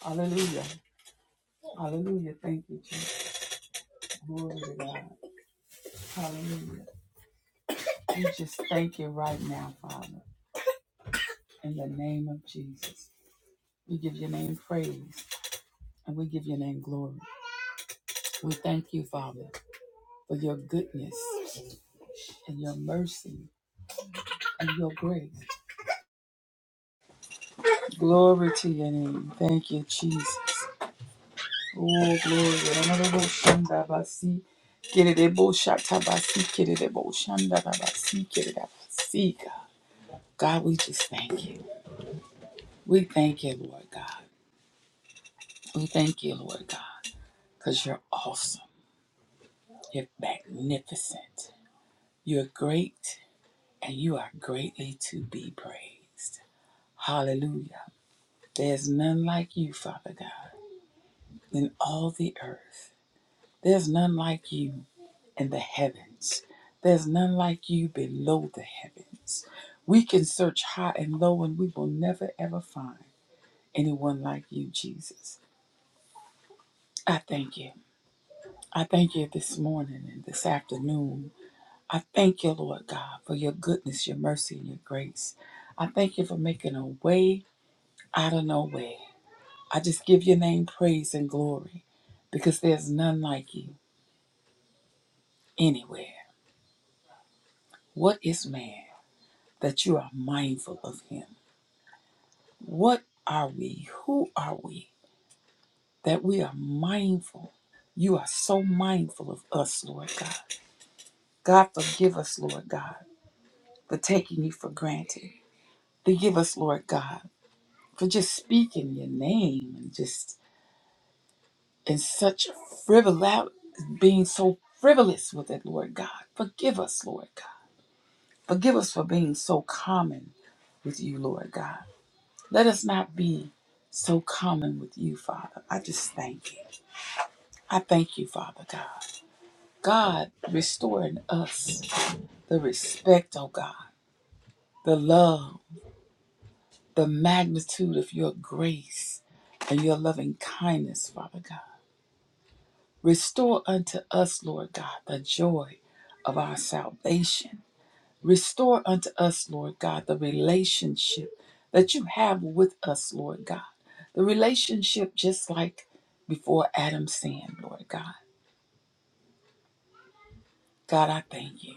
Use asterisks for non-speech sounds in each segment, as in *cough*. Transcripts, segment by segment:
Hallelujah. Hallelujah. Thank you, Jesus. Glory to God. Hallelujah. We just thank you right now, Father, in the name of Jesus. We give your name praise and we give your name glory. We thank you, Father, for your goodness and your mercy and your grace. Glory to your name. Thank you, Jesus. Oh, glory. Kererebo shatabasi, kererebo shandabasi, kerebasi, God, God, we just thank you. We thank you, Lord God. We thank you, Lord God, because you're awesome. You're magnificent. You're great, and you are greatly to be praised. Hallelujah. There's none like you, Father God, in all the earth. There's none like you in the heavens. There's none like you below the heavens. We can search high and low, and we will never ever find anyone like you, Jesus. I thank you. I thank you this morning and this afternoon. I thank you, Lord God, for your goodness, your mercy, and your grace. I thank you for making a way out of no way. I just give your name praise and glory because there's none like you anywhere. What is man that you are mindful of him? What are we? Who are we that we are mindful? You are so mindful of us, Lord God. God, forgive us, Lord God, for taking you for granted. Forgive us, Lord God, for just speaking your name and just in such frivolous, being so frivolous with it, Lord God. Forgive us, Lord God. Forgive us for being so common with you, Lord God. Let us not be so common with you, Father. I just thank you. I thank you, Father God. God, restore in us the respect, oh God, the love, the magnitude of your grace and your loving kindness, Father God. Restore unto us, Lord God, the joy of our salvation. Restore unto us, Lord God, the relationship that you have with us, Lord God. The relationship just like before Adam sinned, Lord God. God, I thank you.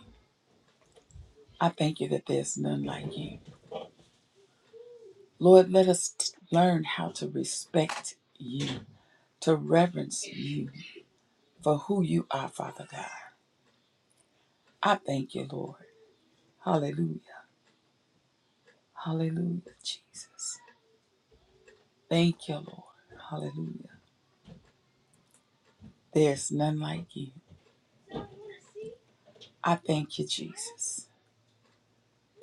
I thank you that there's none like you. Lord, let us t- learn how to respect you, to reverence you for who you are, Father God. I thank you, Lord. Hallelujah. Hallelujah, Jesus. Thank you, Lord. Hallelujah. There's none like you. I thank you, Jesus,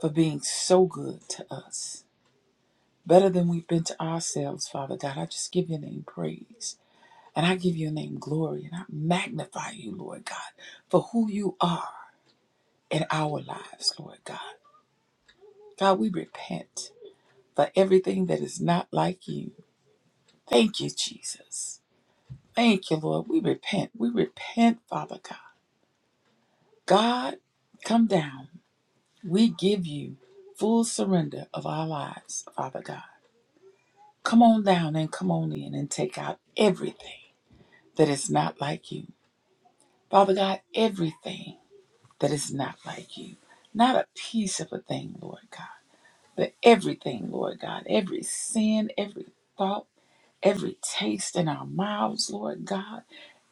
for being so good to us. Better than we've been to ourselves, Father God. I just give your name praise. And I give your name glory. And I magnify you, Lord God, for who you are in our lives, Lord God. God, we repent for everything that is not like you. Thank you, Jesus. Thank you, Lord. We repent. We repent, Father God. God, come down. We give you full surrender of our lives, Father God. Come on down and come on in and take out everything that is not like you. Father God, everything that is not like you. Not a piece of a thing, Lord God, but everything, Lord God. Every sin, every thought, every taste in our mouths, Lord God.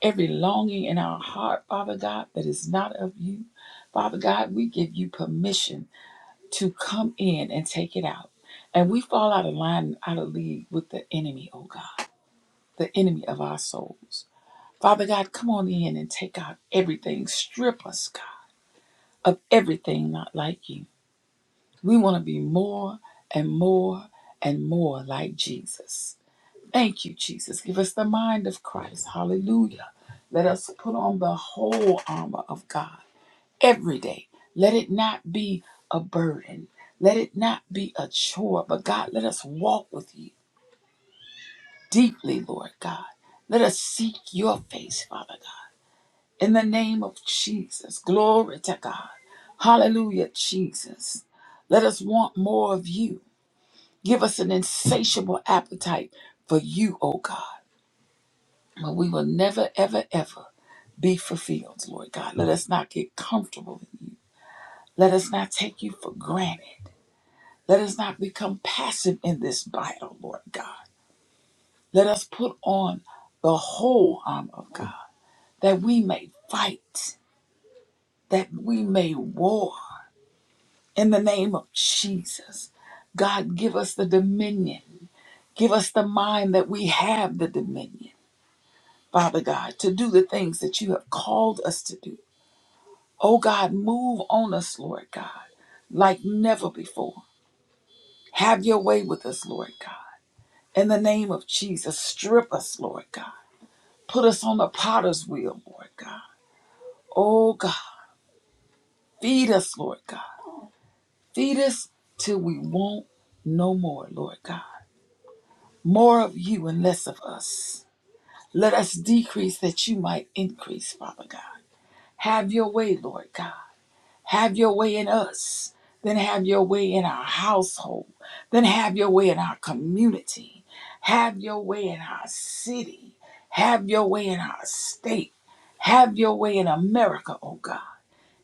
Every longing in our heart, Father God, that is not of you. Father God, we give you permission to come in and take it out. And we fall out of line, out of league with the enemy, oh God, the enemy of our souls. Father God, come on in and take out everything. Strip us, God, of everything not like you. We want to be more and more and more like Jesus. Thank you, Jesus. Give us the mind of Christ. Hallelujah. Let us put on the whole armor of God every day. Let it not be a burden. Let it not be a chore. But God, let us walk with you deeply, Lord God. Let us seek your face, Father God. In the name of Jesus, glory to God. Hallelujah, Jesus. Let us want more of you. Give us an insatiable appetite for you, O God. But we will never, ever, ever be fulfilled, Lord God. Let us not get comfortable in you. Let us not take you for granted. Let us not become passive in this battle, Lord God. Let us put on the whole armor of God that we may fight, that we may war in the name of Jesus. God, give us the dominion. Give us the mind that we have the dominion, Father God, to do the things that you have called us to do. Oh God, move on us, Lord God, like never before. Have your way with us, Lord God. In the name of Jesus, strip us, Lord God Put us on the potter's wheel, Lord God. Oh God, feed us, Lord God. Feed us till we want no more, Lord God. More of you and less of us. Let us decrease that you might increase, Father God. Have your way, Lord God. Have your way in us. Then have your way in our household. Then have your way in our community. Have your way in our city. Have your way in our state. Have your way in America, oh God.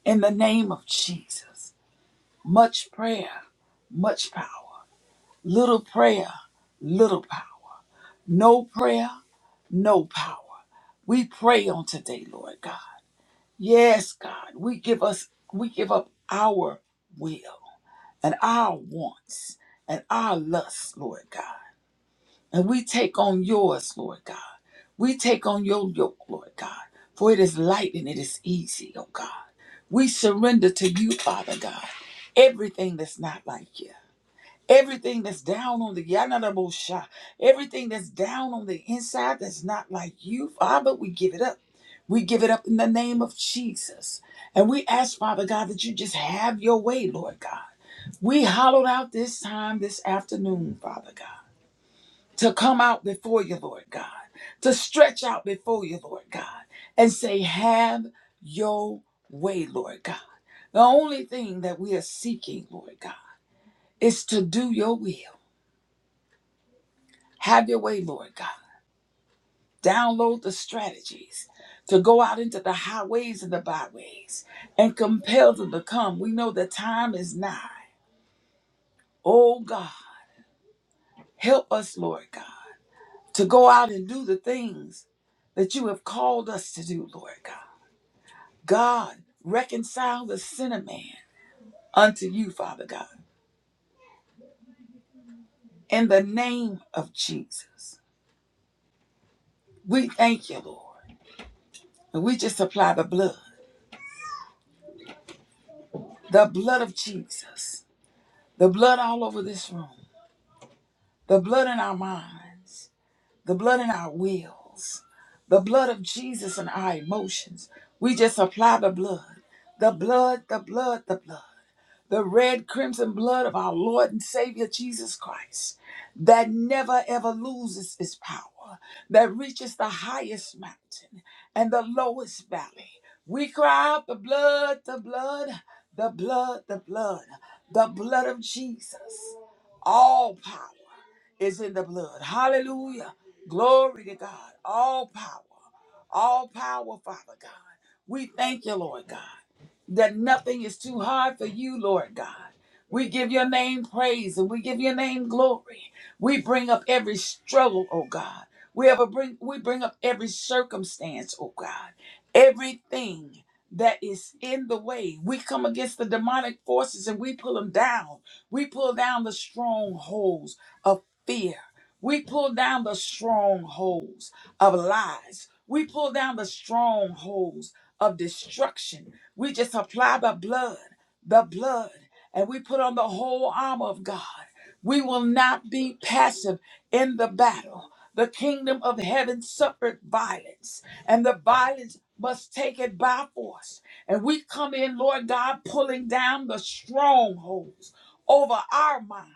In the name of Jesus, much prayer, much power. Little prayer, little power. No prayer, no power. We pray on today, Lord God. Yes, God, we give us we give up our will and our wants and our lusts, Lord God. And we take on yours, Lord God. We take on your yoke, Lord God. For it is light and it is easy, oh God. We surrender to you, Father God. Everything that's not like you. Everything that's down on the yanadabosha, everything that's down on the inside that's not like you, Father, we give it up. We give it up in the name of Jesus. And we ask, Father God, that you just have your way, Lord God. We hollowed out this time this afternoon, Father God to come out before you, Lord God, to stretch out before you, Lord God, and say, Have your way, Lord God. The only thing that we are seeking, Lord God, is to do your will. Have your way, Lord God. Download the strategies to go out into the highways and the byways and compel them to come. We know the time is nigh. Oh God, help us, Lord God, to go out and do the things that you have called us to do, Lord God. God, reconcile the sinner man unto you, Father God, in the name of Jesus. We thank you, Lord. And we just apply the blood, the blood of Jesus, the blood all over this room, the blood in our minds, the blood in our wills, the blood of Jesus in our emotions. We just apply the blood, the blood, the blood, the blood. the red crimson blood of our Lord and Savior Jesus Christ that never ever loses its power, that reaches the highest mountain and the lowest valley. We cry out the blood, the blood, the blood, the blood, the blood of Jesus. All power is in the blood. Hallelujah. Glory to God. All power. All power, Father God. We thank you, Lord God that nothing is too hard for you, Lord God. We give your name praise and we give your name glory. We bring up every struggle, oh God. We ever bring we bring up every circumstance, oh God. Everything that is in the way. We come against the demonic forces and we pull them down. We pull down the strongholds of fear. We pull down the strongholds of lies. We pull down the strongholds of destruction. We just apply the blood, the blood, and we put on the whole armor of God. We will not be passive in the battle. The kingdom of heaven suffered violence, and the violence must take it by force. And we come in, Lord God, pulling down the strongholds over our minds.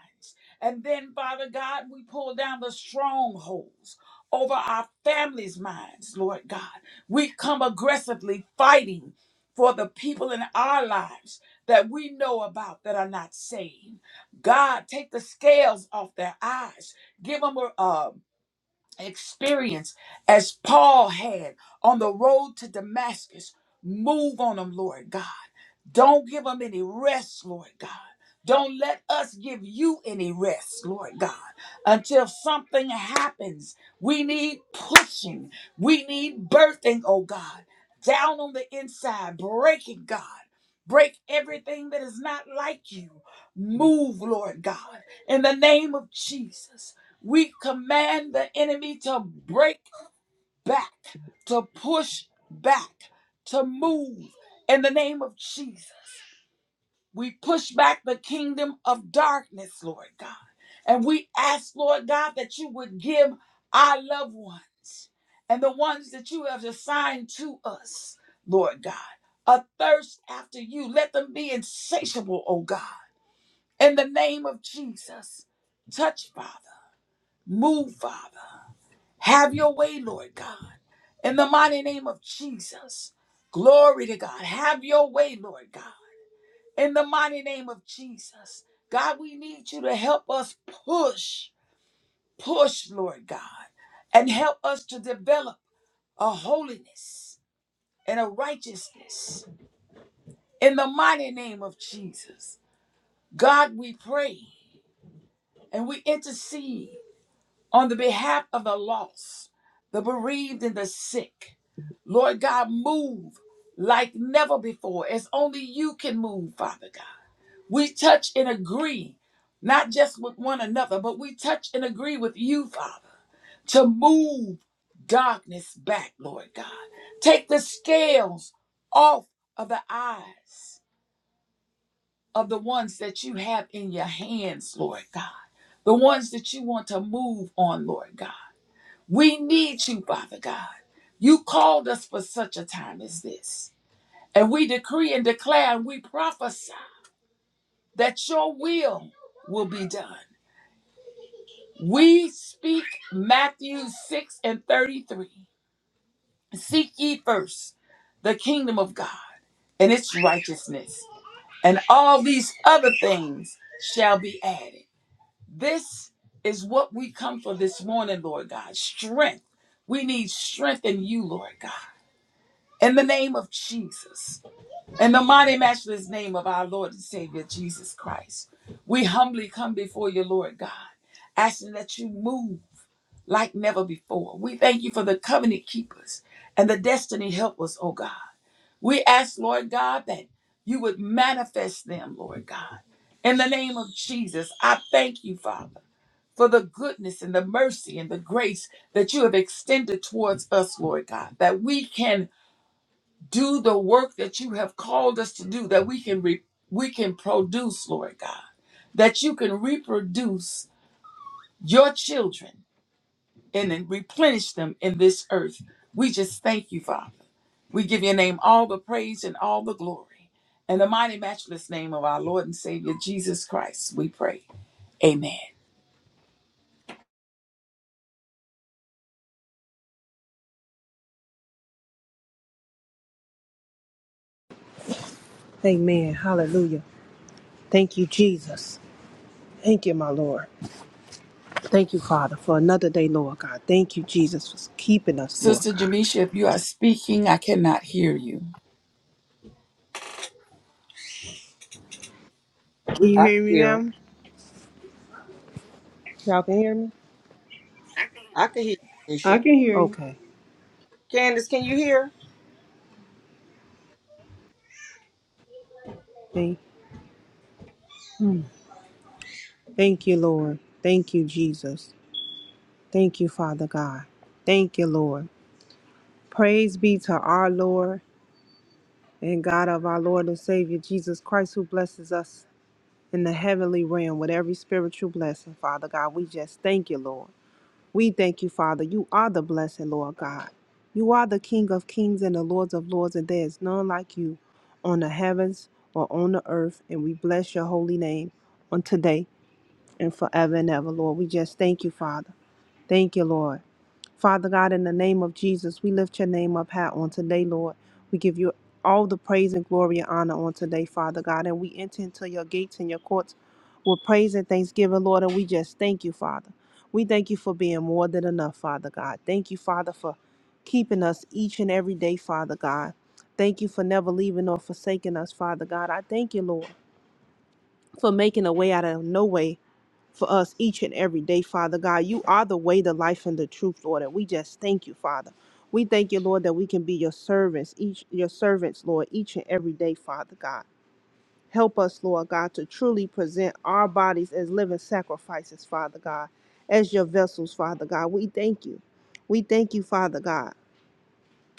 And then, Father God, we pull down the strongholds over our families' minds, Lord God. We come aggressively fighting for the people in our lives that we know about that are not saved. God, take the scales off their eyes. Give them a, um, experience as Paul had on the road to Damascus. Move on them, Lord God. Don't give them any rest, Lord God. Don't let us give you any rest, Lord God, until something happens. We need pushing. We need birthing, oh God, down on the inside, breaking, God. Break everything that is not like you. Move, Lord God, in the name of Jesus. We command the enemy to break back, to push back, to move in the name of Jesus. We push back the kingdom of darkness, Lord God. And we ask, Lord God, that you would give our loved ones and the ones that you have assigned to us, Lord God, a thirst after you. Let them be insatiable, oh God. In the name of Jesus, touch, Father. Move, Father. Have your way, Lord God. In the mighty name of Jesus. Glory to God. Have your way, Lord God. In the mighty name of Jesus. God, we need you to help us push, push, Lord God, and help us to develop a holiness and a righteousness. In the mighty name of Jesus. God, we pray and we intercede on the behalf of the lost, the bereaved, and the sick. Lord God, move like never before, as only you can move, Father God. We touch and agree, not just with one another, but we touch and agree with you, Father, to move darkness back, Lord God. Take the scales off of the eyes of the ones that you have in your hands, Lord God. The ones that you want to move on, Lord God. We need you, Father God. You called us for such a time as this. And we decree and declare and we prophesy that your will will be done. We speak Matthew 6 and 33. Seek ye first the kingdom of God and its righteousness, and all these other things shall be added. This is what we come for this morning, Lord God. Strength. We need strength in you, Lord God. In the name of Jesus, in the mighty, matchless name of our Lord and Savior Jesus Christ, we humbly come before you, Lord God, asking that you move like never before. We thank you for the covenant keepers and the destiny helpers, oh God. We ask, Lord God, that you would manifest them, Lord God. In the name of Jesus, I thank you, Father, for the goodness and the mercy and the grace that you have extended towards us, Lord God, that we can do the work that you have called us to do that we can re- we can produce lord god that you can reproduce your children and then replenish them in this earth we just thank you father we give your name all the praise and all the glory in the mighty matchless name of our lord and savior jesus christ we pray amen Amen. Hallelujah. Thank you, Jesus. Thank you, my Lord. Thank you, Father, for another day, Lord God. Thank you, Jesus, for keeping us, Lord sister God. jamisha if you are speaking i cannot hear you We- Can you I can hear me hear. her. now? Y'all can hear me? I can hear you, I Keisha. can hear you. Okay. Candace, can you hear? Thank, mm. thank you, Lord. Thank you, Jesus. Thank you, Father God. Thank you, Lord. Praise be to our Lord and God of our Lord and Savior Jesus Christ, who blesses us in the heavenly realm with every spiritual blessing, Father God. We just thank you, Lord. We thank you, Father. You are the blessed Lord God. You are the King of kings and the Lords of lords, and there is none like you on the heavens or on the earth. And we bless your holy name on today and forever and ever, Lord. We just thank you, Father. Thank you, Lord. Father God, in the name of Jesus, we lift your name up high on today, Lord. We give you all the praise and glory and honor on today, Father God. And we enter into your gates and your courts with praise and thanksgiving, Lord. And we just thank you, Father. We thank you for being more than enough, Father God. Thank you, Father, for keeping us each and every day, Father God. Thank you for never leaving or forsaking us, Father God. I thank you, Lord, for making a way out of no way for us each and every day, Father God. You are the way, the life, and the truth, Lord. And we just thank you, Father. We thank you, Lord, that we can be your servants, each your servants, Lord, each and every day, Father God. Help us, Lord God, to truly present our bodies as living sacrifices, Father God, as your vessels, Father God. We thank you. We thank you, Father God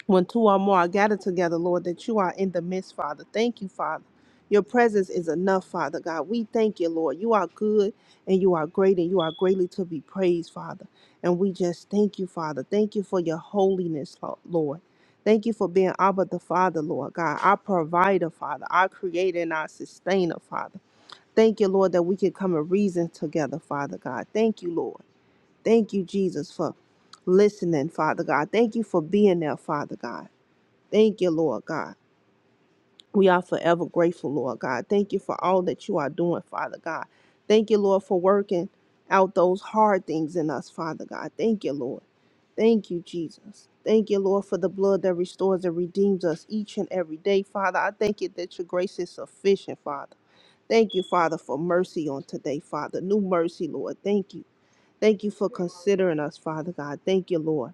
when two or more are gathered together, Lord, that you are in the midst, Father. Thank you, Father. Your presence is enough, Father God. We thank you, Lord. You are good and you are great and you are greatly to be praised, Father. And we just thank you, Father. Thank you for your holiness, Lo- Lord. Thank you for being Abba the Father, Lord God, our provider, Father, our creator and our sustainer, Father. Thank you, Lord, that we can come and reason together, Father God. Thank you, Lord. Thank you, Jesus, for listening, Father God. Thank you for being there, Father God. Thank you, Lord God. We are forever grateful, Lord God. Thank you for all that you are doing, Father God. Thank you, Lord, for working out those hard things in us, Father God. Thank you, Lord. Thank you, Jesus. Thank you, Lord, for the blood that restores and redeems us each and every day, Father. I thank you that your grace is sufficient, Father. Thank you, Father, for mercy on today, Father. New mercy, Lord. Thank you. Thank you for considering us, Father God. Thank you, Lord.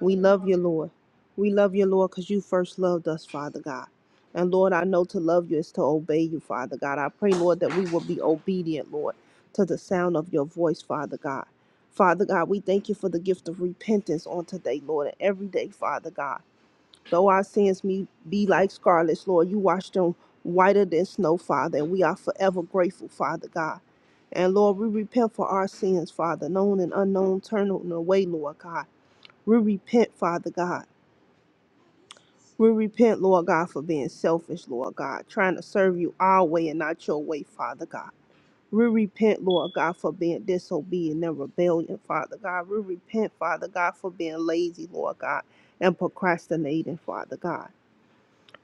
We love you, Lord. We love you, Lord, because you first loved us, Father God. And Lord, I know to love you is to obey you, Father God. I pray, Lord, that we will be obedient, Lord, to the sound of your voice, Father God. Father God, we thank you for the gift of repentance on today, Lord, and every day, Father God. Though our sins may be like scarlet, Lord, you wash them whiter than snow, Father, and we are forever grateful, Father God. And Lord, we repent for our sins, Father, known and unknown, turn away, Lord God. We repent, Father God. We repent, Lord God, for being selfish, Lord God, trying to serve you our way and not your way, Father God. We repent, Lord God, for being disobedient and rebellion, Father God. We repent, Father God, for being lazy, Lord God, and procrastinating, Father God.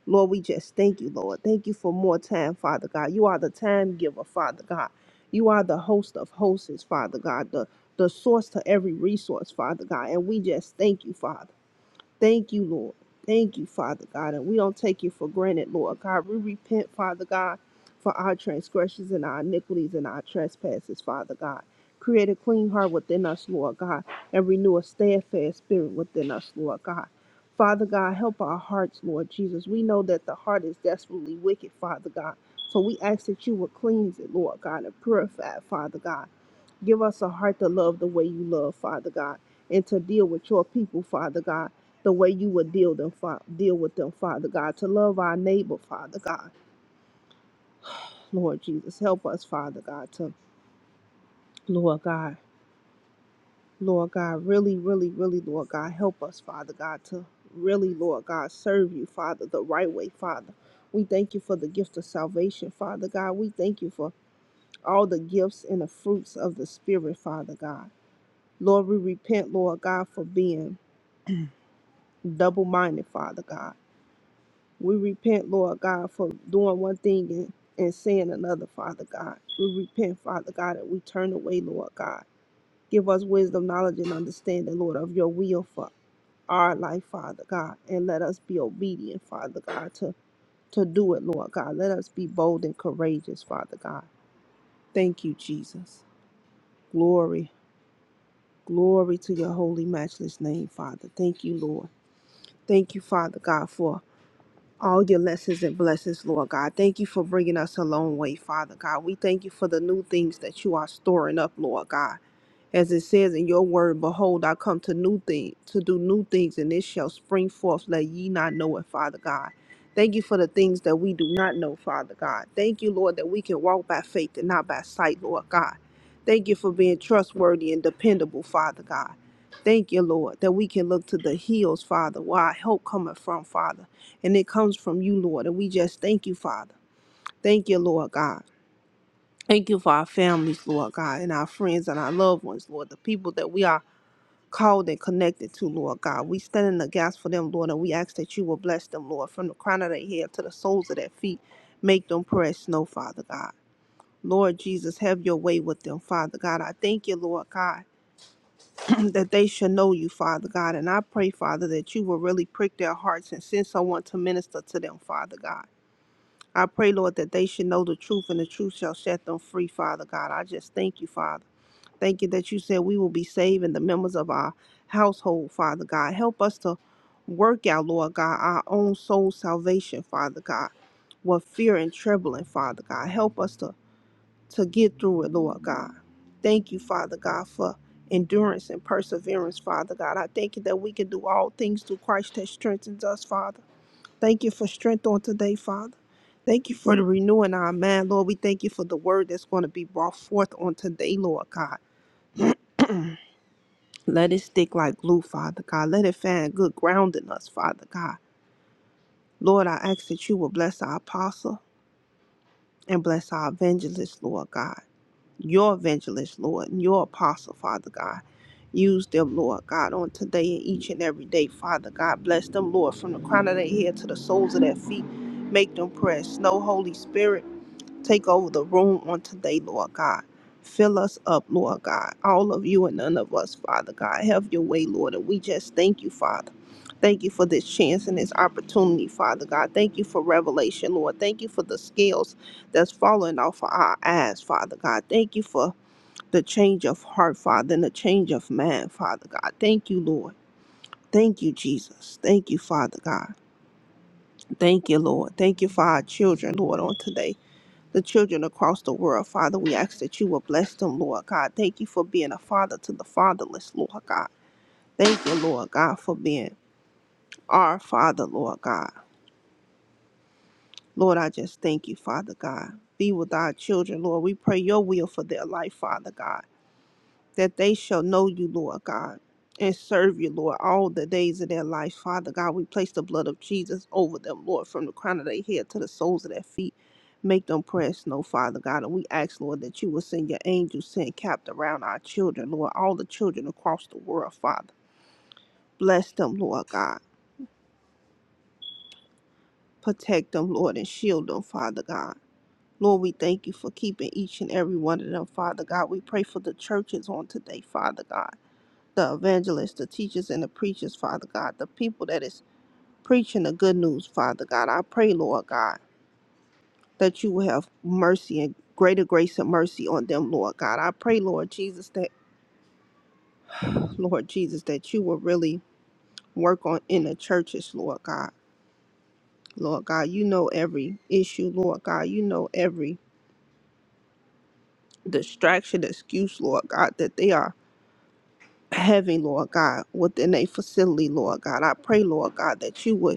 Lord, we just thank you, Lord. Thank you for more time, Father God. You are the time giver, Father God. You are the host of hosts, Father God, the, the source to every resource, Father God. And we just thank you, Father. Thank you, Lord. Thank you, Father God. And we don't take you for granted, Lord God. We repent, Father God, for our transgressions and our iniquities and our trespasses, Father God. Create a clean heart within us, Lord God, and renew a steadfast spirit within us, Lord God. Father God, help our hearts, Lord Jesus. We know that the heart is desperately wicked, Father God. So we ask that you will cleanse it, Lord God, and purify it, Father God. Give us a heart to love the way you love, Father God, and to deal with your people, Father God, the way you would deal them, fa- deal with them, Father God, to love our neighbor, Father God. Lord Jesus, help us, Father God, to Lord God, Lord God, really, really, really, Lord God, help us, Father God, to really, Lord God, serve you, Father, the right way, Father. We thank you for the gift of salvation, Father God. We thank you for all the gifts and the fruits of the Spirit, Father God. Lord, we repent, Lord God, for being double minded, Father God. We repent, Lord God, for doing one thing and, and saying another, Father God. We repent, Father God, and we turn away, Lord God. Give us wisdom, knowledge, and understanding, Lord, of your will for our life, Father God. And let us be obedient, Father God, to, to do it, Lord God. Let us be bold and courageous, Father God. Thank you, Jesus. Glory, glory to your holy, matchless name, Father. Thank you, Lord. Thank you, Father God, for all your lessons and blessings, Lord God. Thank you for bringing us a long way, Father God. We thank you for the new things that you are storing up, Lord God. As it says in your word, behold, I come to new things, to do new things, and it shall spring forth. Let ye not know it, Father God. Thank you for the things that we do not know, Father God. Thank you, Lord, that we can walk by faith and not by sight, Lord God. Thank you for being trustworthy and dependable, Father God. Thank you, Lord, that we can look to the hills, Father, where our help cometh from, Father. And it comes from you, Lord. And we just thank you, Father. Thank you, Lord God. Thank you for our families, Lord God, and our friends and our loved ones, Lord, the people that we are called and connected to, Lord God. We stand in the gas for them, Lord, and we ask that you will bless them, Lord, from the crown of their head to the soles of their feet. Make them press snow, Father God. Lord Jesus, have your way with them, Father God. I thank you, Lord God, *clears throat* that they should know you, Father God. And I pray, Father, that you will really prick their hearts and send someone to minister to them, Father God. I pray, Lord, that they should know the truth and the truth shall set them free, Father God. I just thank you, Father. Thank you that you said we will be saved and the members of our household, Father God. Help us to work out, Lord God, our own soul salvation, Father God, with fear and trembling, Father God. Help us to, to get through it, Lord God. Thank you, Father God, for endurance and perseverance, Father God. I thank you that we can do all things through Christ that strengthens us, Father. Thank you for strength on today, Father. Thank you for the renewing our mind, Lord. We thank you for the word that's going to be brought forth on today, Lord God. Let it stick like glue, Father God. Let it find good ground in us, Father God. Lord, I ask that you will bless our apostle and bless our evangelist, Lord God. Your evangelist, Lord, and your apostle, Father God. Use them, Lord God, on today and each and every day, Father God. Bless them, Lord, from the crown of their head to the soles of their feet. Make them press. No Holy Spirit. Take over the room on today, Lord God. Fill us up, Lord God. All of you and none of us, Father God. Have your way, Lord. And we just thank you, Father. Thank you for this chance and this opportunity, Father God. Thank you for revelation, Lord. Thank you for the scales that's falling off of our eyes, Father God. Thank you for the change of heart, Father, and the change of mind, Father God. Thank you, Lord. Thank you, Jesus. Thank you, Father God. Thank you, Lord. Thank you for our children, Lord, on today the children across the world. Father, we ask that you will bless them, Lord God. Thank you for being a father to the fatherless, Lord God. Thank you, Lord God, for being our father, Lord God. Lord, I just thank you, Father God. Be with our children, Lord. We pray your will for their life, Father God. that they shall know you, Lord God, and serve you, Lord, all the days of their life. Father God, we place the blood of Jesus over them, Lord, from the crown of their head to the soles of their feet. Make them press, no, Father God. And we ask, Lord, that you will send your angels sent capped around our children, Lord, all the children across the world, Father. Bless them, Lord God. Protect them, Lord, and shield them, Father God. Lord, we thank you for keeping each and every one of them, Father God. We pray for the churches on today, Father God. the evangelists, the teachers, and the preachers, Father God, the people that is preaching the good news, Father God. I pray, Lord God, that you will have mercy and greater grace and mercy on them, Lord God. I pray, Lord Jesus, that *clears throat* Lord Jesus, that you will really work on in the churches, Lord God. Lord God, you know every issue, Lord God. You know every distraction, excuse, Lord God, that they are having, Lord God, within a facility, Lord God. I pray, Lord God, that you would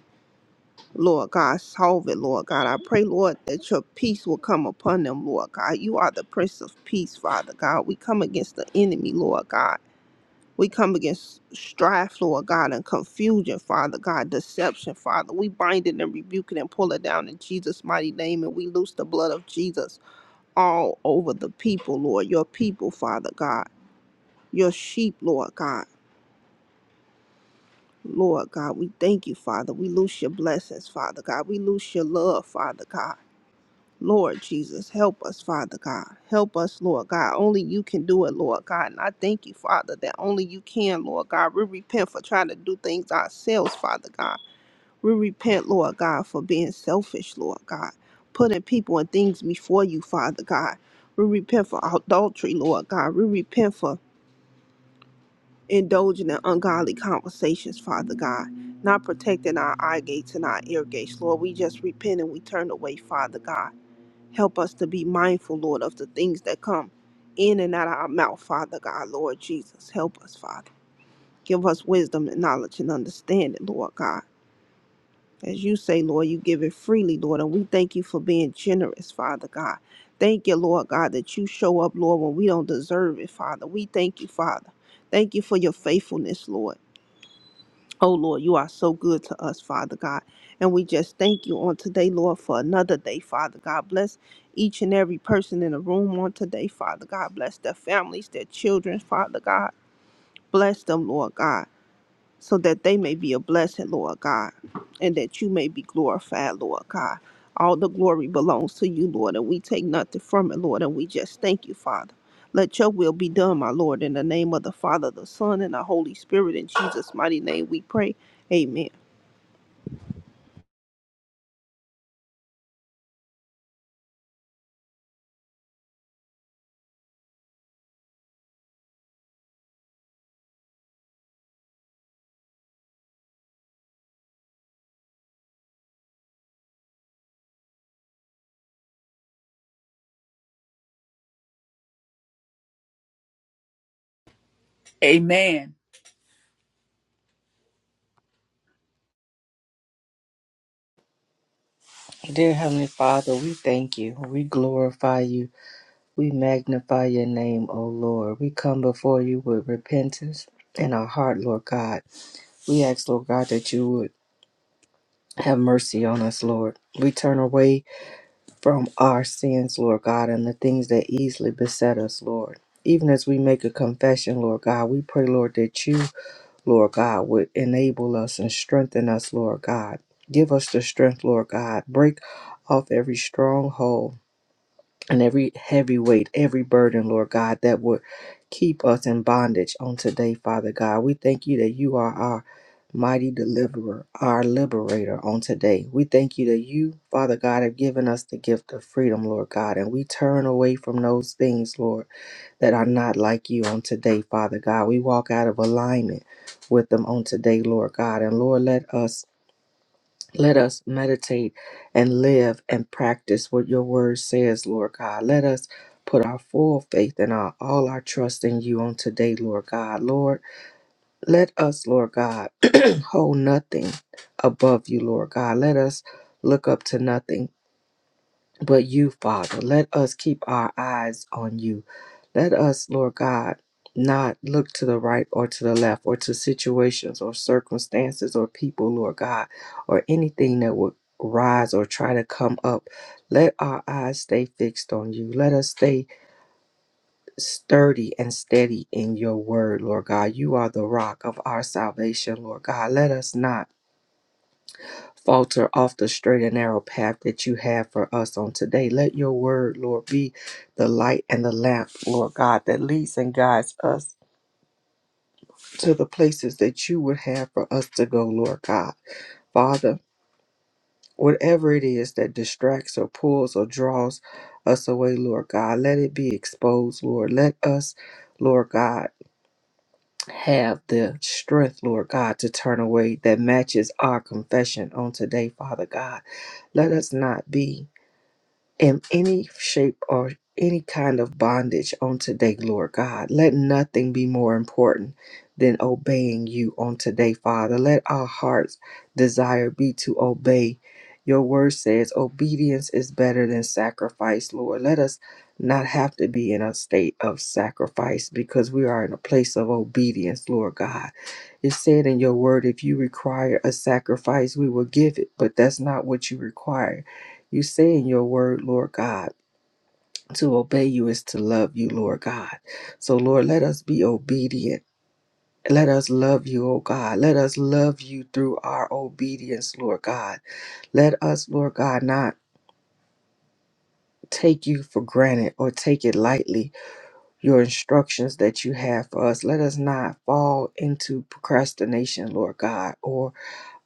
Lord God, solve it, Lord God. I pray, Lord, that your peace will come upon them, Lord God. You are the Prince of Peace, Father God. We come against the enemy, Lord God. We come against strife, Lord God, and confusion, Father God, deception, Father. We bind it and rebuke it and pull it down in Jesus' mighty name, and we loose the blood of Jesus all over the people, Lord, your people, Father God, your sheep, Lord God. Lord God, we thank you, Father. We loose your blessings, Father God. We loose your love, Father God. Lord Jesus, help us, Father God. Help us, Lord God. Only you can do it, Lord God. And I thank you, Father, that only you can, Lord God. We repent for trying to do things ourselves, Father God. We repent, Lord God, for being selfish, Lord God. Putting people and things before you, Father God. We repent for adultery, Lord God. We repent for indulging in ungodly conversations, Father God. Not protecting our eye gates and our ear gates, Lord. We just repent and we turn away, Father God. Help us to be mindful, Lord, of the things that come in and out of our mouth, Father God, Lord Jesus. Help us, Father. Give us wisdom and knowledge and understanding, Lord God. As you say, Lord, you give it freely, Lord, and we thank you for being generous, Father God. Thank you, Lord God, that you show up, Lord, when we don't deserve it, Father. We thank you, Father. Thank you for your faithfulness, Lord. Oh Lord, you are so good to us, Father God. And we just thank you on today, Lord, for another day, Father God. Bless each and every person in the room on today, Father God. Bless their families, their children, Father God. Bless them, Lord God so that they may be a blessing, Lord God, and that you may be glorified, Lord God. All the glory belongs to you, Lord, and we take nothing from it, Lord, and we just thank you, Father. Let your will be done, my Lord, in the name of the Father, the Son, and the Holy Spirit. In Jesus' mighty name we pray. Amen. amen Dear Heavenly Father, we thank you. We glorify you. We magnify your name, O Lord. We come before you with repentance in our heart, Lord God. We ask, Lord God, that you would have mercy on us, Lord. We turn away from our sins, Lord God, and the things that easily beset us, Lord. Even as we make a confession, Lord God, we pray, Lord, that you Lord God, would enable us and strengthen us, Lord God. Give us the strength, Lord God. Break off every stronghold and every heavy weight, every burden, Lord God, that would keep us in bondage on today, Father God. We thank you that you are our mighty deliverer, our liberator on today. We thank you that you, Father God, have given us the gift of freedom, Lord God, and we turn away from those things, Lord that are not like you on today, Father God. We walk out of alignment with them on today, Lord God. And Lord, let us let us meditate and live and practice what your word says, Lord God. Let us put our full faith and our all our trust in you on today, Lord God. Lord, let us, Lord God, *clears throat* hold nothing above you, Lord God. Let us look up to nothing but you, Father. Let us keep our eyes on you. Let us, Lord God, not look to the right or to the left or to situations or circumstances or people, Lord God, or anything that would rise or try to come up. Let our eyes stay fixed on you. Let us stay sturdy and steady in your word, Lord God. You are the rock of our salvation, Lord God. Let us not falter off the straight and narrow path that you have for us on today. Let your word, Lord, be the light and the lamp, Lord God, that leads and guides us to the places that you would have for us to go, Lord God. Father, whatever it is that distracts or pulls or draws us away, Lord God, let it be exposed, Lord. Let us, Lord God, have the strength, Lord God, to turn away that matches our confession on today, Father God. Let us not be. in any shape or any kind of bondage on today, Lord God. Let nothing be more important than obeying you on today, Father. Let our heart's desire be to obey. Your word says obedience is better than sacrifice, Lord. Let us not have to be in a state of sacrifice because we are in a place of obedience, Lord God. It said in your word, if you require a sacrifice, we will give it, but that's not what you require. You say in your word, Lord God, to obey you is to love you, Lord God. So, Lord, let us be obedient. Let us love you, O God. Let us love you through our obedience, Lord God. Let us, Lord God, not take you for granted or take it lightly, your instructions that you have for us. Let us not fall into procrastination, Lord God, or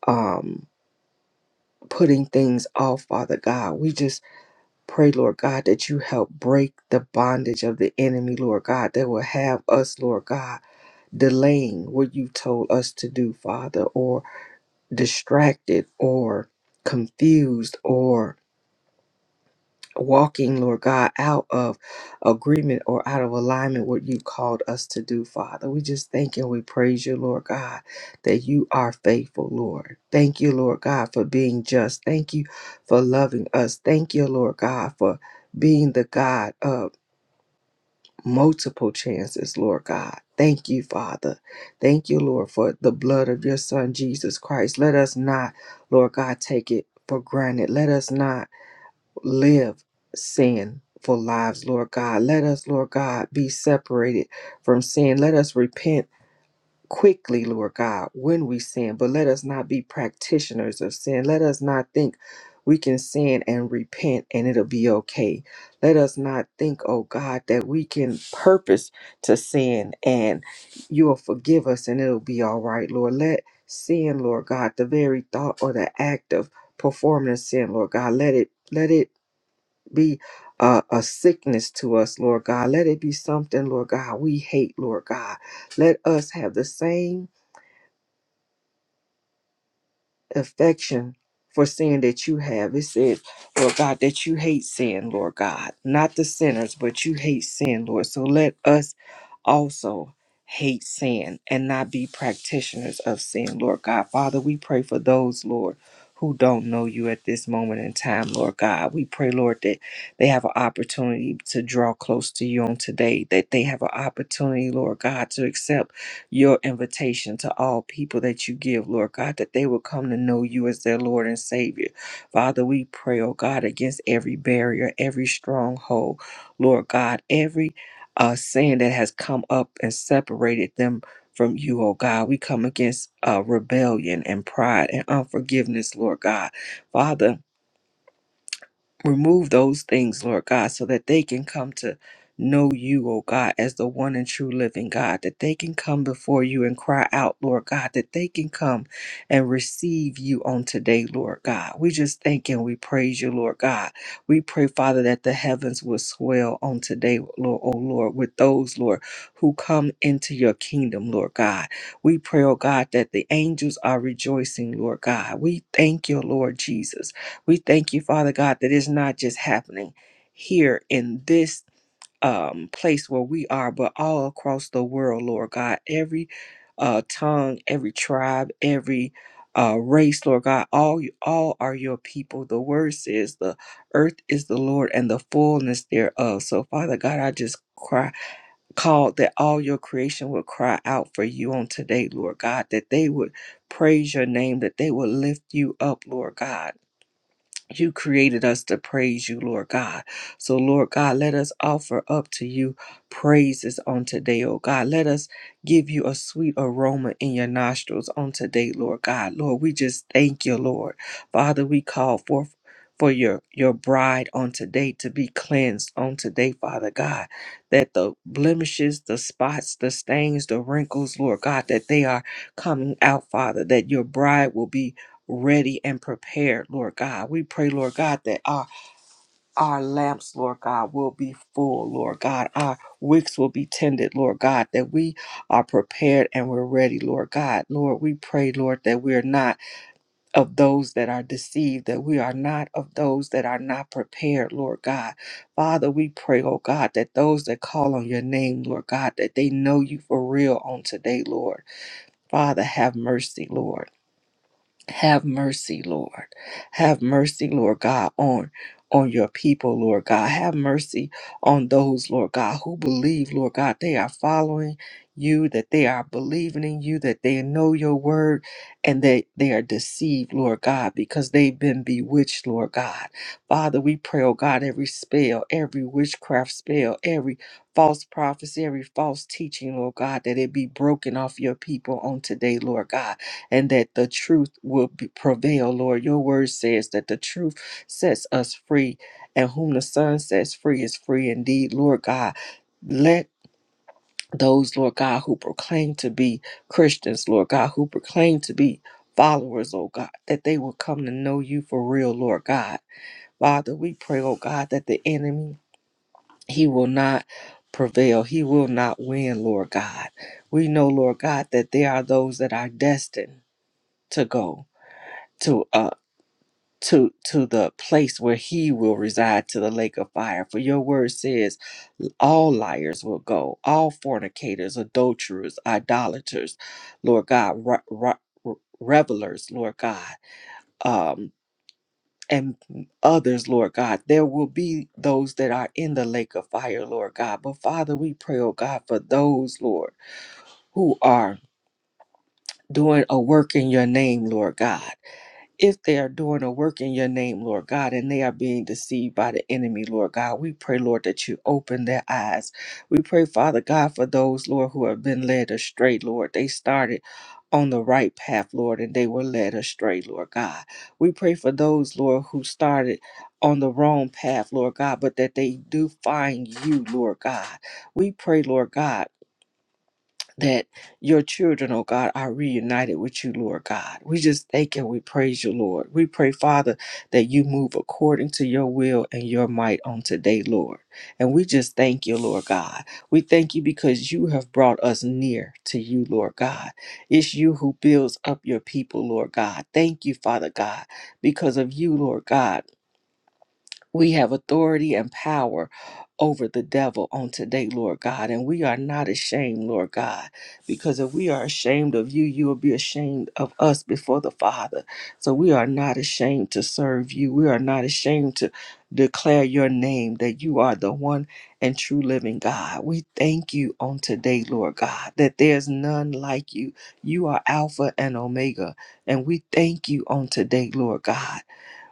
um, putting things off, Father God. We just Pray, Lord God, that you help break the bondage of the enemy, Lord God, that will have us, Lord God, delaying what you told us to do, Father, or distracted or confused or walking, Lord God, out of agreement or out of alignment what you called us to do, Father. We just thank you and we praise you, Lord God, that you are faithful, Lord. Thank you, Lord God, for being just. Thank you for loving us. Thank you, Lord God, for being the God of multiple chances, Lord God. Thank you, Father. Thank you, Lord, for the blood of your Son, Jesus Christ. Let us not, Lord God, take it for granted. Let us not live sin for lives, Lord God. Let us, Lord God, be separated from sin. Let us repent quickly, Lord God, when we sin, but let us not be practitioners of sin. Let us not think we can sin and repent and it'll be okay. Let us not think, oh God, that we can purpose to sin and you'll forgive us and it'll be all right, Lord. Let sin, Lord God, the very thought or the act of performing a sin, Lord God, let it let it be a, a sickness to us, Lord God. Let it be something, Lord God, we hate, Lord God. Let us have the same affection for sin that you have. It says, Lord God, that you hate sin, Lord God. Not the sinners, but you hate sin, Lord. So let us also hate sin and not be practitioners of sin, Lord God. Father, we pray for those, Lord. Who don't know you at this moment in time, Lord God. We pray, Lord, that they have an opportunity to draw close to you on today, that they have an opportunity, Lord God, to accept your invitation to all people that you give, Lord God, that they will come to know you as their Lord and Savior. Father, we pray, oh God, against every barrier, every stronghold, Lord God, every uh, sin that has come up and separated them from you, oh God. We come against uh, rebellion and pride and unforgiveness, Lord God. Father, Remove those things, Lord God, so that they can come to know you, O God, as the one and true living God, that they can come before you and cry out, Lord God, that they can come and receive you on today, Lord God. We just thank and we praise you, Lord God. We pray, Father, that the heavens will swell on today, Lord, O Lord, with those, Lord, who come into your kingdom, Lord God. We pray, O God, that the angels are rejoicing, Lord God. We thank you, Lord Jesus. We thank you, Father God, that it's not just happening here in this um, place where we are, but all across the world, Lord God. Every uh, tongue, every tribe, every uh, race, Lord God, all you, all are your people. The word says, "The earth is the Lord and the fullness thereof." So, Father God, I just cry, called that all your creation would cry out for you on today, Lord God, that they would praise your name, that they would lift you up, Lord God you created us to praise you, Lord God. So, Lord God, let us offer up to you praises on today, oh God. Let us give you a sweet aroma in your nostrils on today, Lord God. Lord, we just thank you, Lord. Father, we call forth for your your bride on today to be cleansed on today father god that the blemishes the spots the stains the wrinkles lord god that they are coming out father that your bride will be ready and prepared, Lord God. We pray, Lord God, that our our lamps, Lord God, will be full, Lord God. Our wicks will be tended, Lord God, that we are prepared and we're ready, Lord God. Lord, we pray, Lord, that we are not of those that are deceived, that we are not of those that are not prepared, Lord God. Father, we pray, oh God, that those that call on your name, Lord God, that they know you for real on today, Lord. Father, have mercy, Lord. Have mercy, Lord. Have mercy, Lord God, on on your people, Lord God. Have mercy on those, Lord God, who believe, Lord God, they are following you, that they are believing in you, that they know your word, and that they are deceived, Lord God, because they've been bewitched, Lord God. Father, we pray, oh God, every spell, every witchcraft spell, every false prophecy, every false teaching, Lord God, that it be broken off your people on today, Lord God and that the truth will be, prevail, Lord. Your word says that the truth sets us free, and whom the Son sets free is free indeed, Lord God. Let those, Lord God, who proclaim to be Christians, Lord God, who proclaim to be followers, oh God, that they will come to know you for real, Lord God. Father, we pray, oh God, that the enemy, he will not prevail. He will not win, Lord God. We know, Lord God, that there are those that are destined to go to uh to to the place where he will reside to the lake of fire for your word says all liars will go all fornicators adulterers idolaters lord god re- re- revelers lord god um and others lord god there will be those that are in the lake of fire lord god but father we pray oh god for those lord who are doing a work in your name lord god if they are doing a work in your name, Lord God, and they are being deceived by the enemy, Lord God, we pray, Lord, that you open their eyes. We pray, Father God, for those, Lord, who have been led astray, Lord. They started on the right path, Lord, and they were led astray, Lord God. We pray for those, Lord, who started on the wrong path, Lord God, but that they do find you, Lord God. We pray, Lord God that your children, oh God, are reunited with you, Lord God. We just thank and we praise you, Lord. We pray, Father, that you move according to your will and your might on today, Lord. And we just thank you, Lord God. We thank you because you have brought us near to you, Lord God. It's you who builds up your people, Lord God. Thank you, Father God, because of you, Lord God. We have authority and power over the devil on today, Lord God. And we are not ashamed, Lord God, because if we are ashamed of you, you will be ashamed of us before the Father. So we are not ashamed to serve you. We are not ashamed to declare your name that you are the one and true living God. We thank you on today, Lord God, that there's none like you. You are Alpha and Omega. And we thank you on today, Lord God.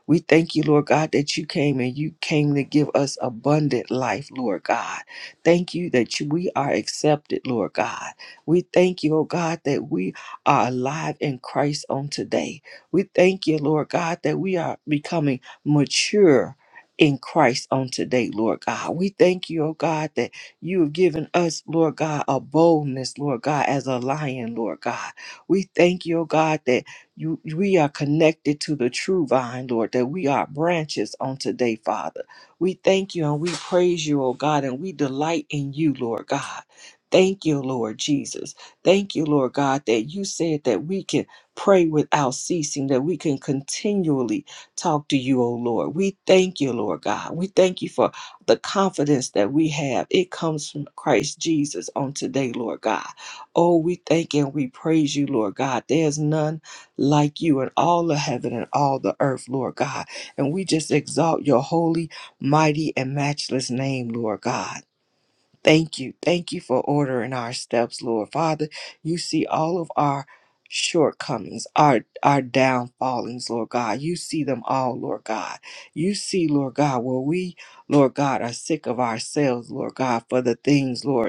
We thank you, Lord God, that you came and you came to give us abundant life, Lord God. Thank you that you, we are accepted, Lord God. We thank you, oh God, that we are alive in Christ on today. We thank you, Lord God, that we are becoming mature. In Christ on today, Lord God. We thank you, oh God, that you have given us, Lord God, a boldness, Lord God, as a lion, Lord God. We thank you, oh God, that you we are connected to the true vine, Lord, that we are branches on today, Father. We thank you and we praise you, oh God, and we delight in you, Lord God. Thank you, Lord Jesus. Thank you, Lord God, that you said that we can pray without ceasing, that we can continually talk to you, oh Lord. We thank you, Lord God. We thank you for the confidence that we have. It comes from Christ Jesus on today, Lord God. Oh, we thank and we praise you, Lord God. There's none like you in all the heaven and all the earth, Lord God. And we just exalt your holy, mighty, and matchless name, Lord God. Thank you. Thank you for ordering our steps, Lord. Father, you see all of our shortcomings, our our downfallings, Lord God. You see them all, Lord God. You see, Lord God, where we, Lord God, are sick of ourselves, Lord God, for the things, Lord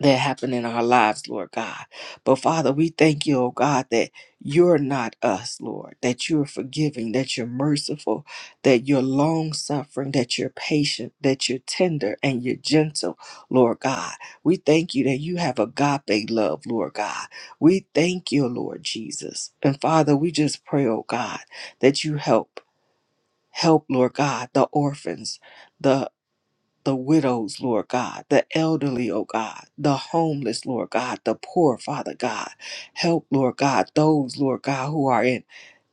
that happen in our lives, Lord God. But Father, we thank you, oh God, that you're not us, Lord, that you're forgiving, that you're merciful, that you're long suffering, that you're patient, that you're tender and you're gentle, Lord God. We thank you that you have agape love, Lord God. We thank you, Lord Jesus. And Father, we just pray, oh God, that you help. Help, Lord God, the orphans, the widows, Lord God, the elderly, oh God, the homeless, Lord God, the poor, Father God. Help, Lord God, those, Lord God, who are in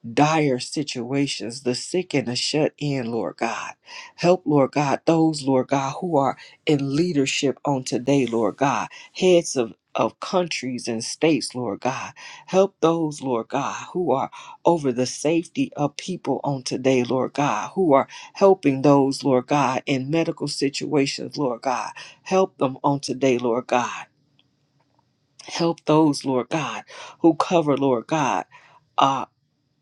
dire situations, the sick and the shut in, Lord God. Help, Lord God, those, Lord God, who are in leadership on today, Lord God, heads of of countries and states, Lord God. Help those, Lord God, who are over the safety of people on today, Lord God, who are helping those, Lord God, in medical situations, Lord God. Help them on today, Lord God. Help those, Lord God, who cover, Lord God. uh,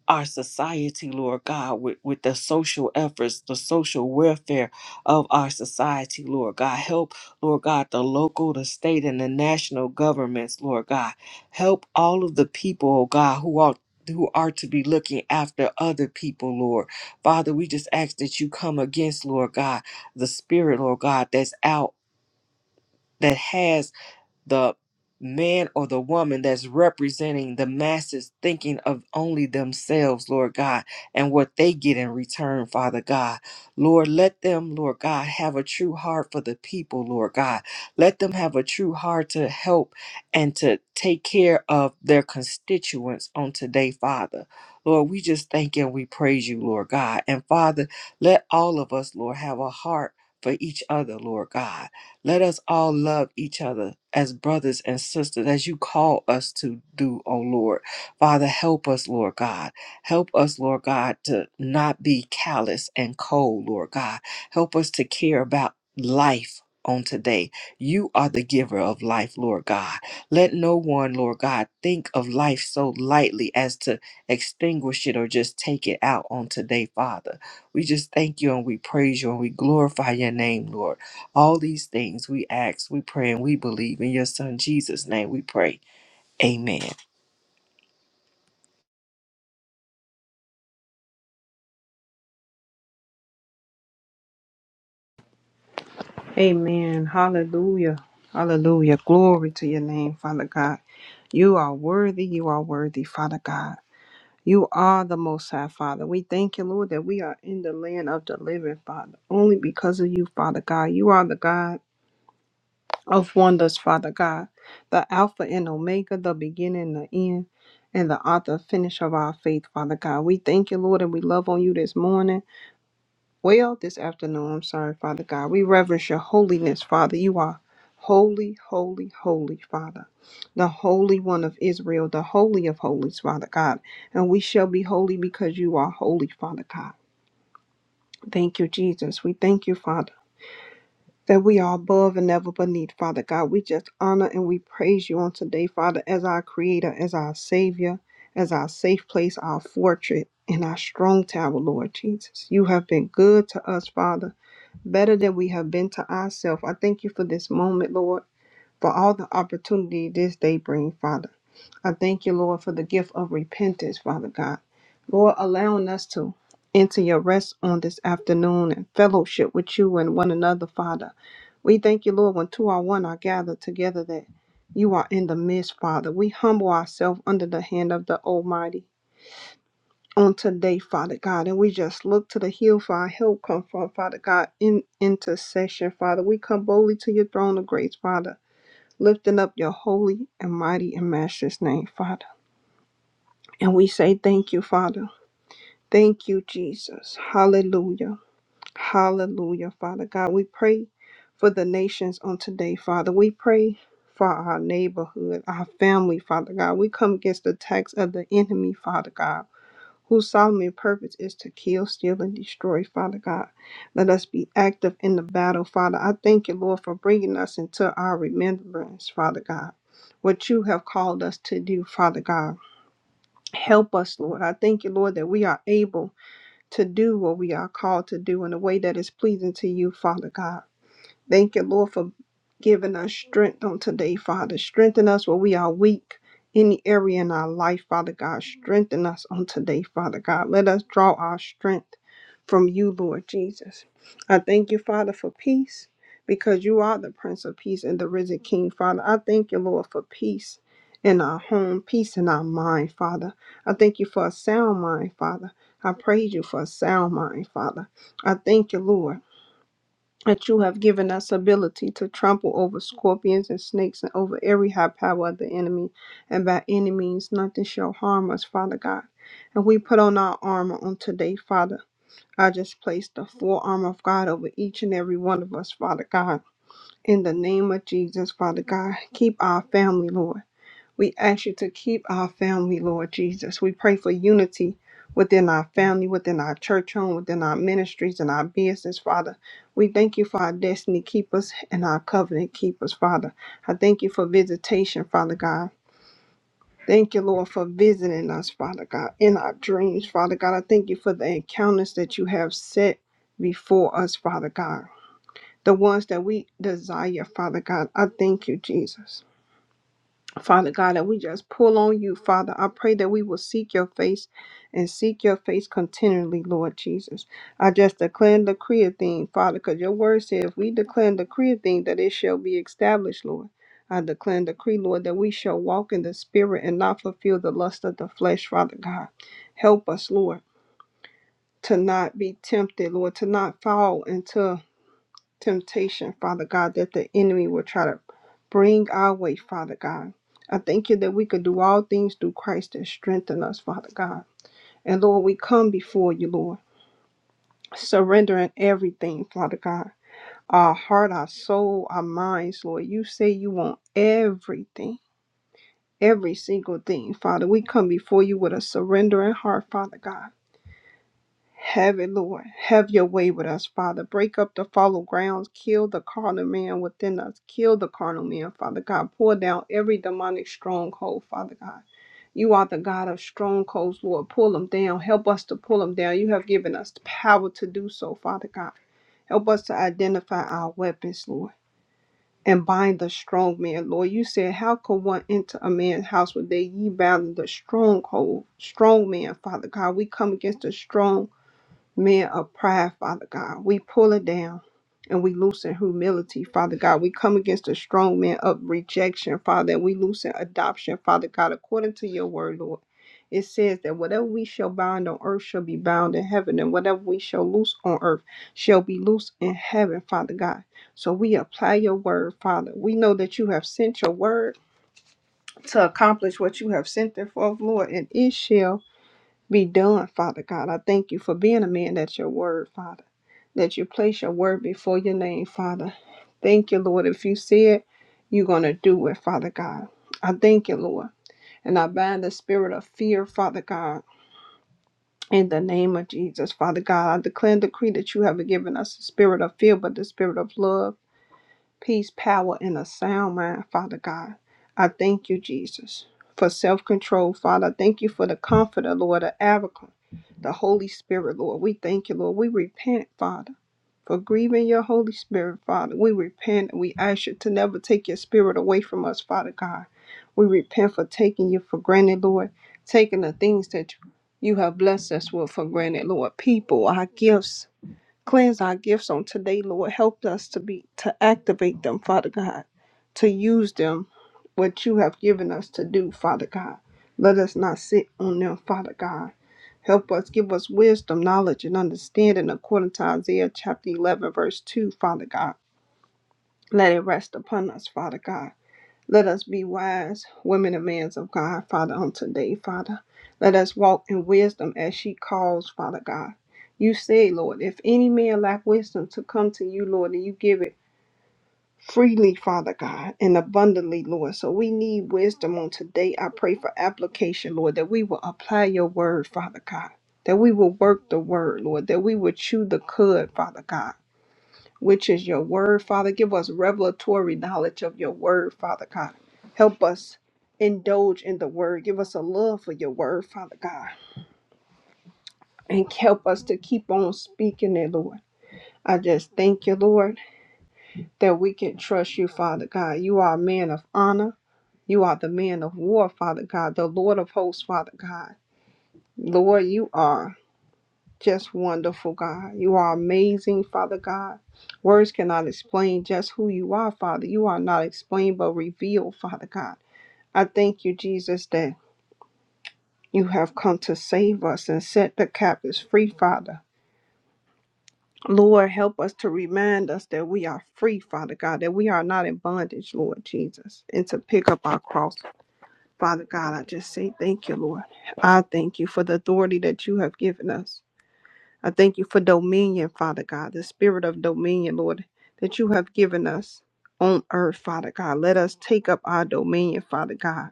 our society, Lord God, with, with the social efforts, the social welfare of our society, Lord God. Help, Lord God, the local, the state, and the national governments, Lord God. Help all of the people, oh God, who are who are to be looking after other people, Lord. Father, we just ask that you come against, Lord God, the spirit, Lord God, that's out that has the man or the woman that's representing the masses thinking of only themselves, Lord God, and what they get in return, Father God. Lord, let them, Lord God, have a true heart for the people, Lord God. Let them have a true heart to help and to take care of their constituents on today, Father. Lord, we just thank and we praise you, Lord God. And Father, let all of us, Lord, have a heart for each other, Lord God. Let us all love each other as brothers and sisters, as you call us to do, O Lord. Father, help us, Lord God. Help us, Lord God, to not be callous and cold, Lord God. Help us to care about life on today. You are the giver of life, Lord God. Let no one, Lord God, think of life so lightly as to extinguish it or just take it out on today, Father. We just thank you and we praise you and we glorify your name, Lord. All these things we ask, we pray, and we believe. In your Son Jesus' name we pray. Amen. Amen. Hallelujah. Hallelujah. Glory to your name, Father God. You are worthy. You are worthy, Father God. You are the Most High, Father. We thank you, Lord, that we are in the land of the living, Father, only because of you, Father God. You are the God of wonders, Father God, the Alpha and Omega, the beginning and the end, and the author and finish of our faith, Father God. We thank you, Lord, and we love on you this morning. well this afternoon. I'm sorry, Father God. We reverence your holiness, Father. You are holy, holy, holy, Father. The Holy One of Israel, the Holy of Holies, Father God. And we shall be holy because you are holy, Father God. Thank you, Jesus. We thank you, Father. That we are above and never beneath, Father God. We just honor and we praise you on today, Father, as our Creator, as our Savior, as our safe place, our fortress, and our strong tower, Lord Jesus. You have been good to us, Father better than we have been to ourselves. I thank you for this moment, Lord, for all the opportunity this day brings, Father. I thank you, Lord, for the gift of repentance, Father God. Lord, allowing us to enter your rest on this afternoon and fellowship with you and one another, Father. We thank you, Lord, when two or one are gathered together that you are in the midst, Father. We humble ourselves under the hand of the Almighty on today, Father God. And we just look to the hill for our help come from, Father God, in intercession, Father. We come boldly to your throne of grace, Father, lifting up your holy and mighty and matchless name, Father. And we say thank you, Father. Thank you, Jesus. Hallelujah. Hallelujah, Father God. We pray for the nations on today, Father. We pray for our neighborhood, our family, Father God. We come against the attacks of the enemy, Father God whose solemn purpose is to kill, steal, and destroy, Father God. Let us be active in the battle, Father. I thank you, Lord, for bringing us into our remembrance, Father God, what you have called us to do, Father God. Help us, Lord. I thank you, Lord, that we are able to do what we are called to do in a way that is pleasing to you, Father God. Thank you, Lord, for giving us strength on today, Father. Strengthen us where we are weak. Any area in our life, Father God, strengthen us on today, Father God. Let us draw our strength from you, Lord Jesus. I thank you, Father, for peace because you are the Prince of Peace and the risen King, Father. I thank you, Lord, for peace in our home, peace in our mind, Father. I thank you for a sound mind, Father. I praise you for a sound mind, Father. I thank you, Lord that you have given us ability to trample over scorpions and snakes and over every high power of the enemy, and by any means nothing shall harm us, Father God. And we put on our armor on today, Father. I just place the full armor of God over each and every one of us, Father God. In the name of Jesus, Father God, keep our family, Lord. We ask you to keep our family, Lord Jesus. We pray for unity within our family, within our church home, within our ministries and our business, Father. We thank you for our destiny keepers and our covenant keepers, Father. I thank you for visitation, Father God. Thank you, Lord, for visiting us, Father God, in our dreams, Father God. I thank you for the encounters that you have set before us, Father God. The ones that we desire, Father God. I thank you, Jesus. Father God, that we just pull on you, Father. I pray that we will seek your face and seek your face continually, Lord Jesus. I just declare and decree a thing, Father, because your word said if we declare and decree a thing, that it shall be established, Lord. I declare and decree, Lord, that we shall walk in the spirit and not fulfill the lust of the flesh, Father God. Help us, Lord, to not be tempted, Lord, to not fall into temptation, Father God, that the enemy will try to bring our way, Father God. I thank you that we could do all things through Christ that strengthen us, Father God. And Lord, we come before you, Lord, surrendering everything, Father God. Our heart, our soul, our minds, Lord. You say you want everything, every single thing, Father. We come before you with a surrendering heart, Father God. Have it, Lord. Have your way with us, Father. Break up the fallow grounds. Kill the carnal man within us. Kill the carnal man, Father God. Pour down every demonic stronghold, Father God. You are the God of strongholds, Lord. Pull them down. Help us to pull them down. You have given us the power to do so, Father God. Help us to identify our weapons, Lord, and bind the strong man, Lord. You said, How could one enter a man's house without ye bound the stronghold, strong man, Father God? We come against the strong men of pride, Father God. We pull it down and we loosen humility, Father God. We come against the strong man of rejection, Father, and we loosen adoption, Father God, according to your word, Lord. It says that whatever we shall bind on earth shall be bound in heaven, and whatever we shall loose on earth shall be loose in heaven, Father God. So we apply your word, Father. We know that you have sent your word to accomplish what you have sent it for, Lord, and it shall be done, Father God. I thank you for being a man that's your word, Father that you place your word before your name, Father. Thank you, Lord. If you see it, you're going to do it, Father God. I thank you, Lord. And I bind the spirit of fear, Father God. In the name of Jesus, Father God, I declare and decree that you haven't given us the spirit of fear, but the spirit of love, peace, power, and a sound mind, Father God. I thank you, Jesus, for self control, Father. I Thank you for the comforter, Lord, the advocate, the Holy Spirit, Lord. We thank you, Lord. We repent, Father for grieving your Holy Spirit, Father. We repent and we ask you to never take your spirit away from us, Father God. We repent for taking you for granted, Lord, taking the things that you have blessed us with for granted, Lord. People, our gifts, Cleanse our gifts on today, Lord. Help us to be to activate them, Father God, to use them what you have given us to do, Father God. Let us not sit on them, Father God. Help us, give us wisdom, knowledge, and understanding according to Isaiah chapter 11, verse 2, Father God. Let it rest upon us, Father God. Let us be wise, women and men of God, Father, on today, Father. Let us walk in wisdom as she calls, Father God. You say, Lord, if any man lack wisdom to come to you, Lord, and you give it freely, Father God, and abundantly, Lord. So we need wisdom on today. I pray for application, Lord, that we will apply your word, Father God. That we will work the word, Lord, that we will chew the cud, Father God which is your word, Father. Give us revelatory knowledge of your word, Father God. Help us indulge in the word. Give us a love for your word, Father God. And help us to keep on speaking it, Lord. I just thank you, Lord, that we can trust you, Father God. You are a man of honor. You are the man of war, Father God, the Lord of hosts, Father God. Lord, you are. Just wonderful, God. You are amazing, Father God. Words cannot explain just who you are, Father. You are not explained but revealed, Father God. I thank you, Jesus, that you have come to save us and set the captives free, Father. Lord, help us to remind us that we are free, Father God, that we are not in bondage, Lord Jesus, and to pick up our cross. Father God, I just say thank you, Lord. I thank you for the authority that you have given us. I thank you for dominion, Father God, the spirit of dominion, Lord, that you have given us on earth, Father God. Let us take up our dominion, Father God.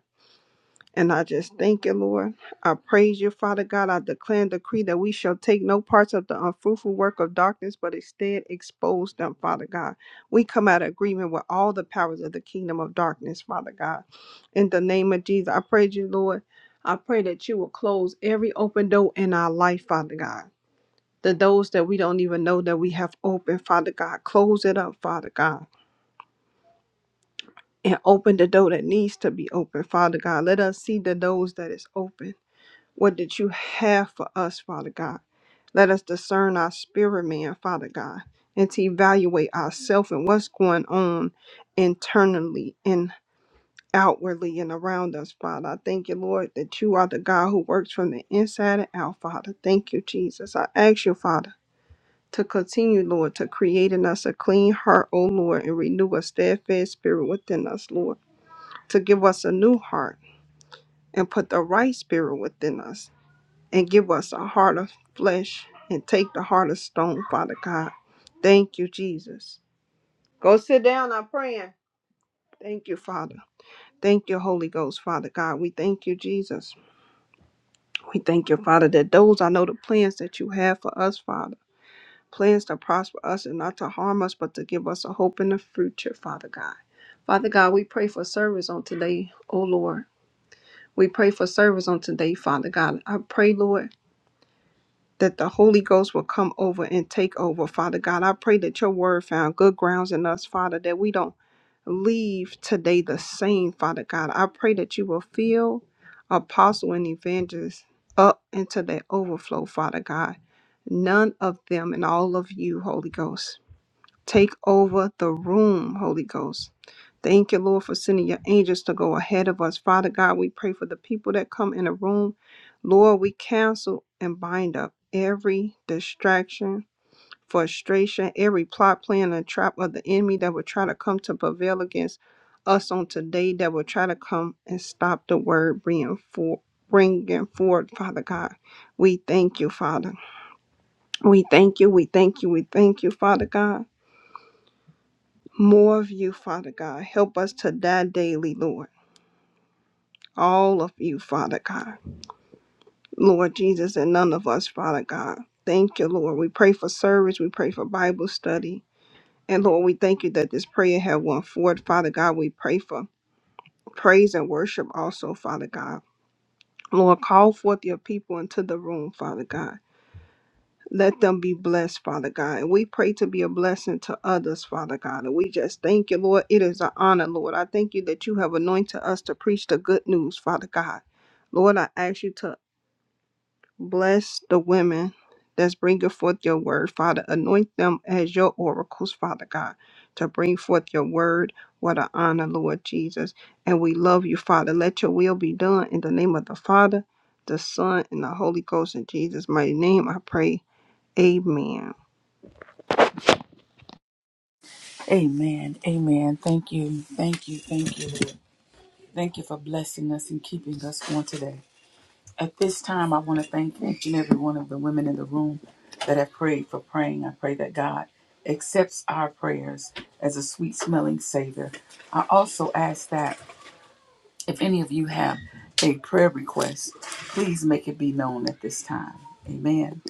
And I just thank you, Lord. I praise you, Father God. I declare and decree that we shall take no parts of the unfruitful work of darkness, but instead expose them, Father God. We come out of agreement with all the powers of the kingdom of darkness, Father God. In the name of Jesus, I praise you, Lord. I pray that you will close every open door in our life, Father God the doors that we don't even know that we have opened, Father God. Close it up, Father God, and open the door that needs to be open, Father God. Let us see the doors that is open. What did you have for us, Father God? Let us discern our spirit man, Father God, and to evaluate ourselves and what's going on internally and outwardly and around us, Father. I thank you, Lord, that you are the God who works from the inside and out, Father. Thank you, Jesus. I ask you, Father. to continue, Lord, to create in us a clean heart, O Lord, and renew a steadfast spirit within us, Lord, to give us a new heart and put the right spirit within us and give us a heart of flesh and take the heart of stone, Father God. Thank you, Jesus. Go sit down, I'm praying. Thank you, Father. Thank you, Holy Ghost, Father God. We thank you, Jesus. We thank you, Father, that those I know the plans that you have for us, Father. plans to prosper us and not to harm us, but to give us a hope in the future, Father God. Father God, we pray for service on today, O Lord. We pray for service on today, Father God. I pray, Lord, that the Holy Ghost will come over and take over, Father God. I pray that your word found good grounds in us, Father, that we don't leave today the same, Father God. I pray that you will fill apostle and evangelists up into their overflow, Father God. None of them and all of you, Holy Ghost. Take over the room, Holy Ghost. Thank you, Lord, for sending your angels to go ahead of us. Father God, we pray for the people that come in the room. Lord, we cancel and bind up every distraction, frustration, every plot, plan, and trap of the enemy that would try to come to prevail against us on today, that would try to come and stop the word being for bringing forward, Father God. We thank you, Father. We thank you. We thank you. We thank you, Father God more of you, Father God. Help us to die daily, Lord. All of you, Father God. Lord Jesus, and none of us, Father God. Thank you, Lord. We pray for service. We pray for Bible study. And Lord, we thank you that this prayer have went forward. Father God, we pray for praise and worship also, Father God. Lord, call forth your people into the room, Father God. Let them be blessed, Father God. And we pray to be a blessing to others, Father God. And we just thank you, Lord. It is an honor, Lord. I thank you that you have anointed us to preach the good news, Father God. Lord, I ask you to bless the women that's bringing forth your word, Father. Anoint them as your oracles, Father God, to bring forth your word. What an honor, Lord Jesus. And we love you, Father. Let your will be done in the name of the Father, the Son, and the Holy Ghost. In Jesus' mighty name, I pray. Amen. Amen. Amen. Thank you. Thank you. Thank you, Lord. Thank you for blessing us and keeping us on today. At this time, I want to thank each and every one of the women in the room that have prayed for praying. I pray that God accepts our prayers as a sweet smelling savor. I also ask that if any of you have a prayer request, please make it be known at this time. Amen.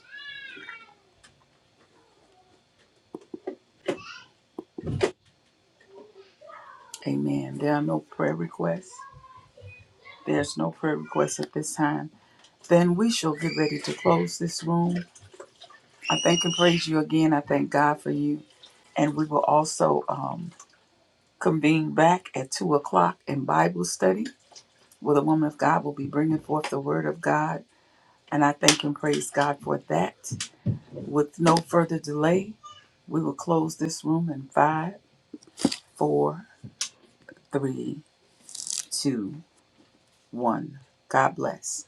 Amen. There are no prayer requests. There's no prayer requests at this time. Then we shall get ready to close this room. I thank and praise you again. I thank God for you. And we will also um, convene back at 2 o'clock in Bible study where the woman of God will be bringing forth the word of God. And I thank and praise God for that. With no further delay, we will close this room in five, four, three, two, one. God bless.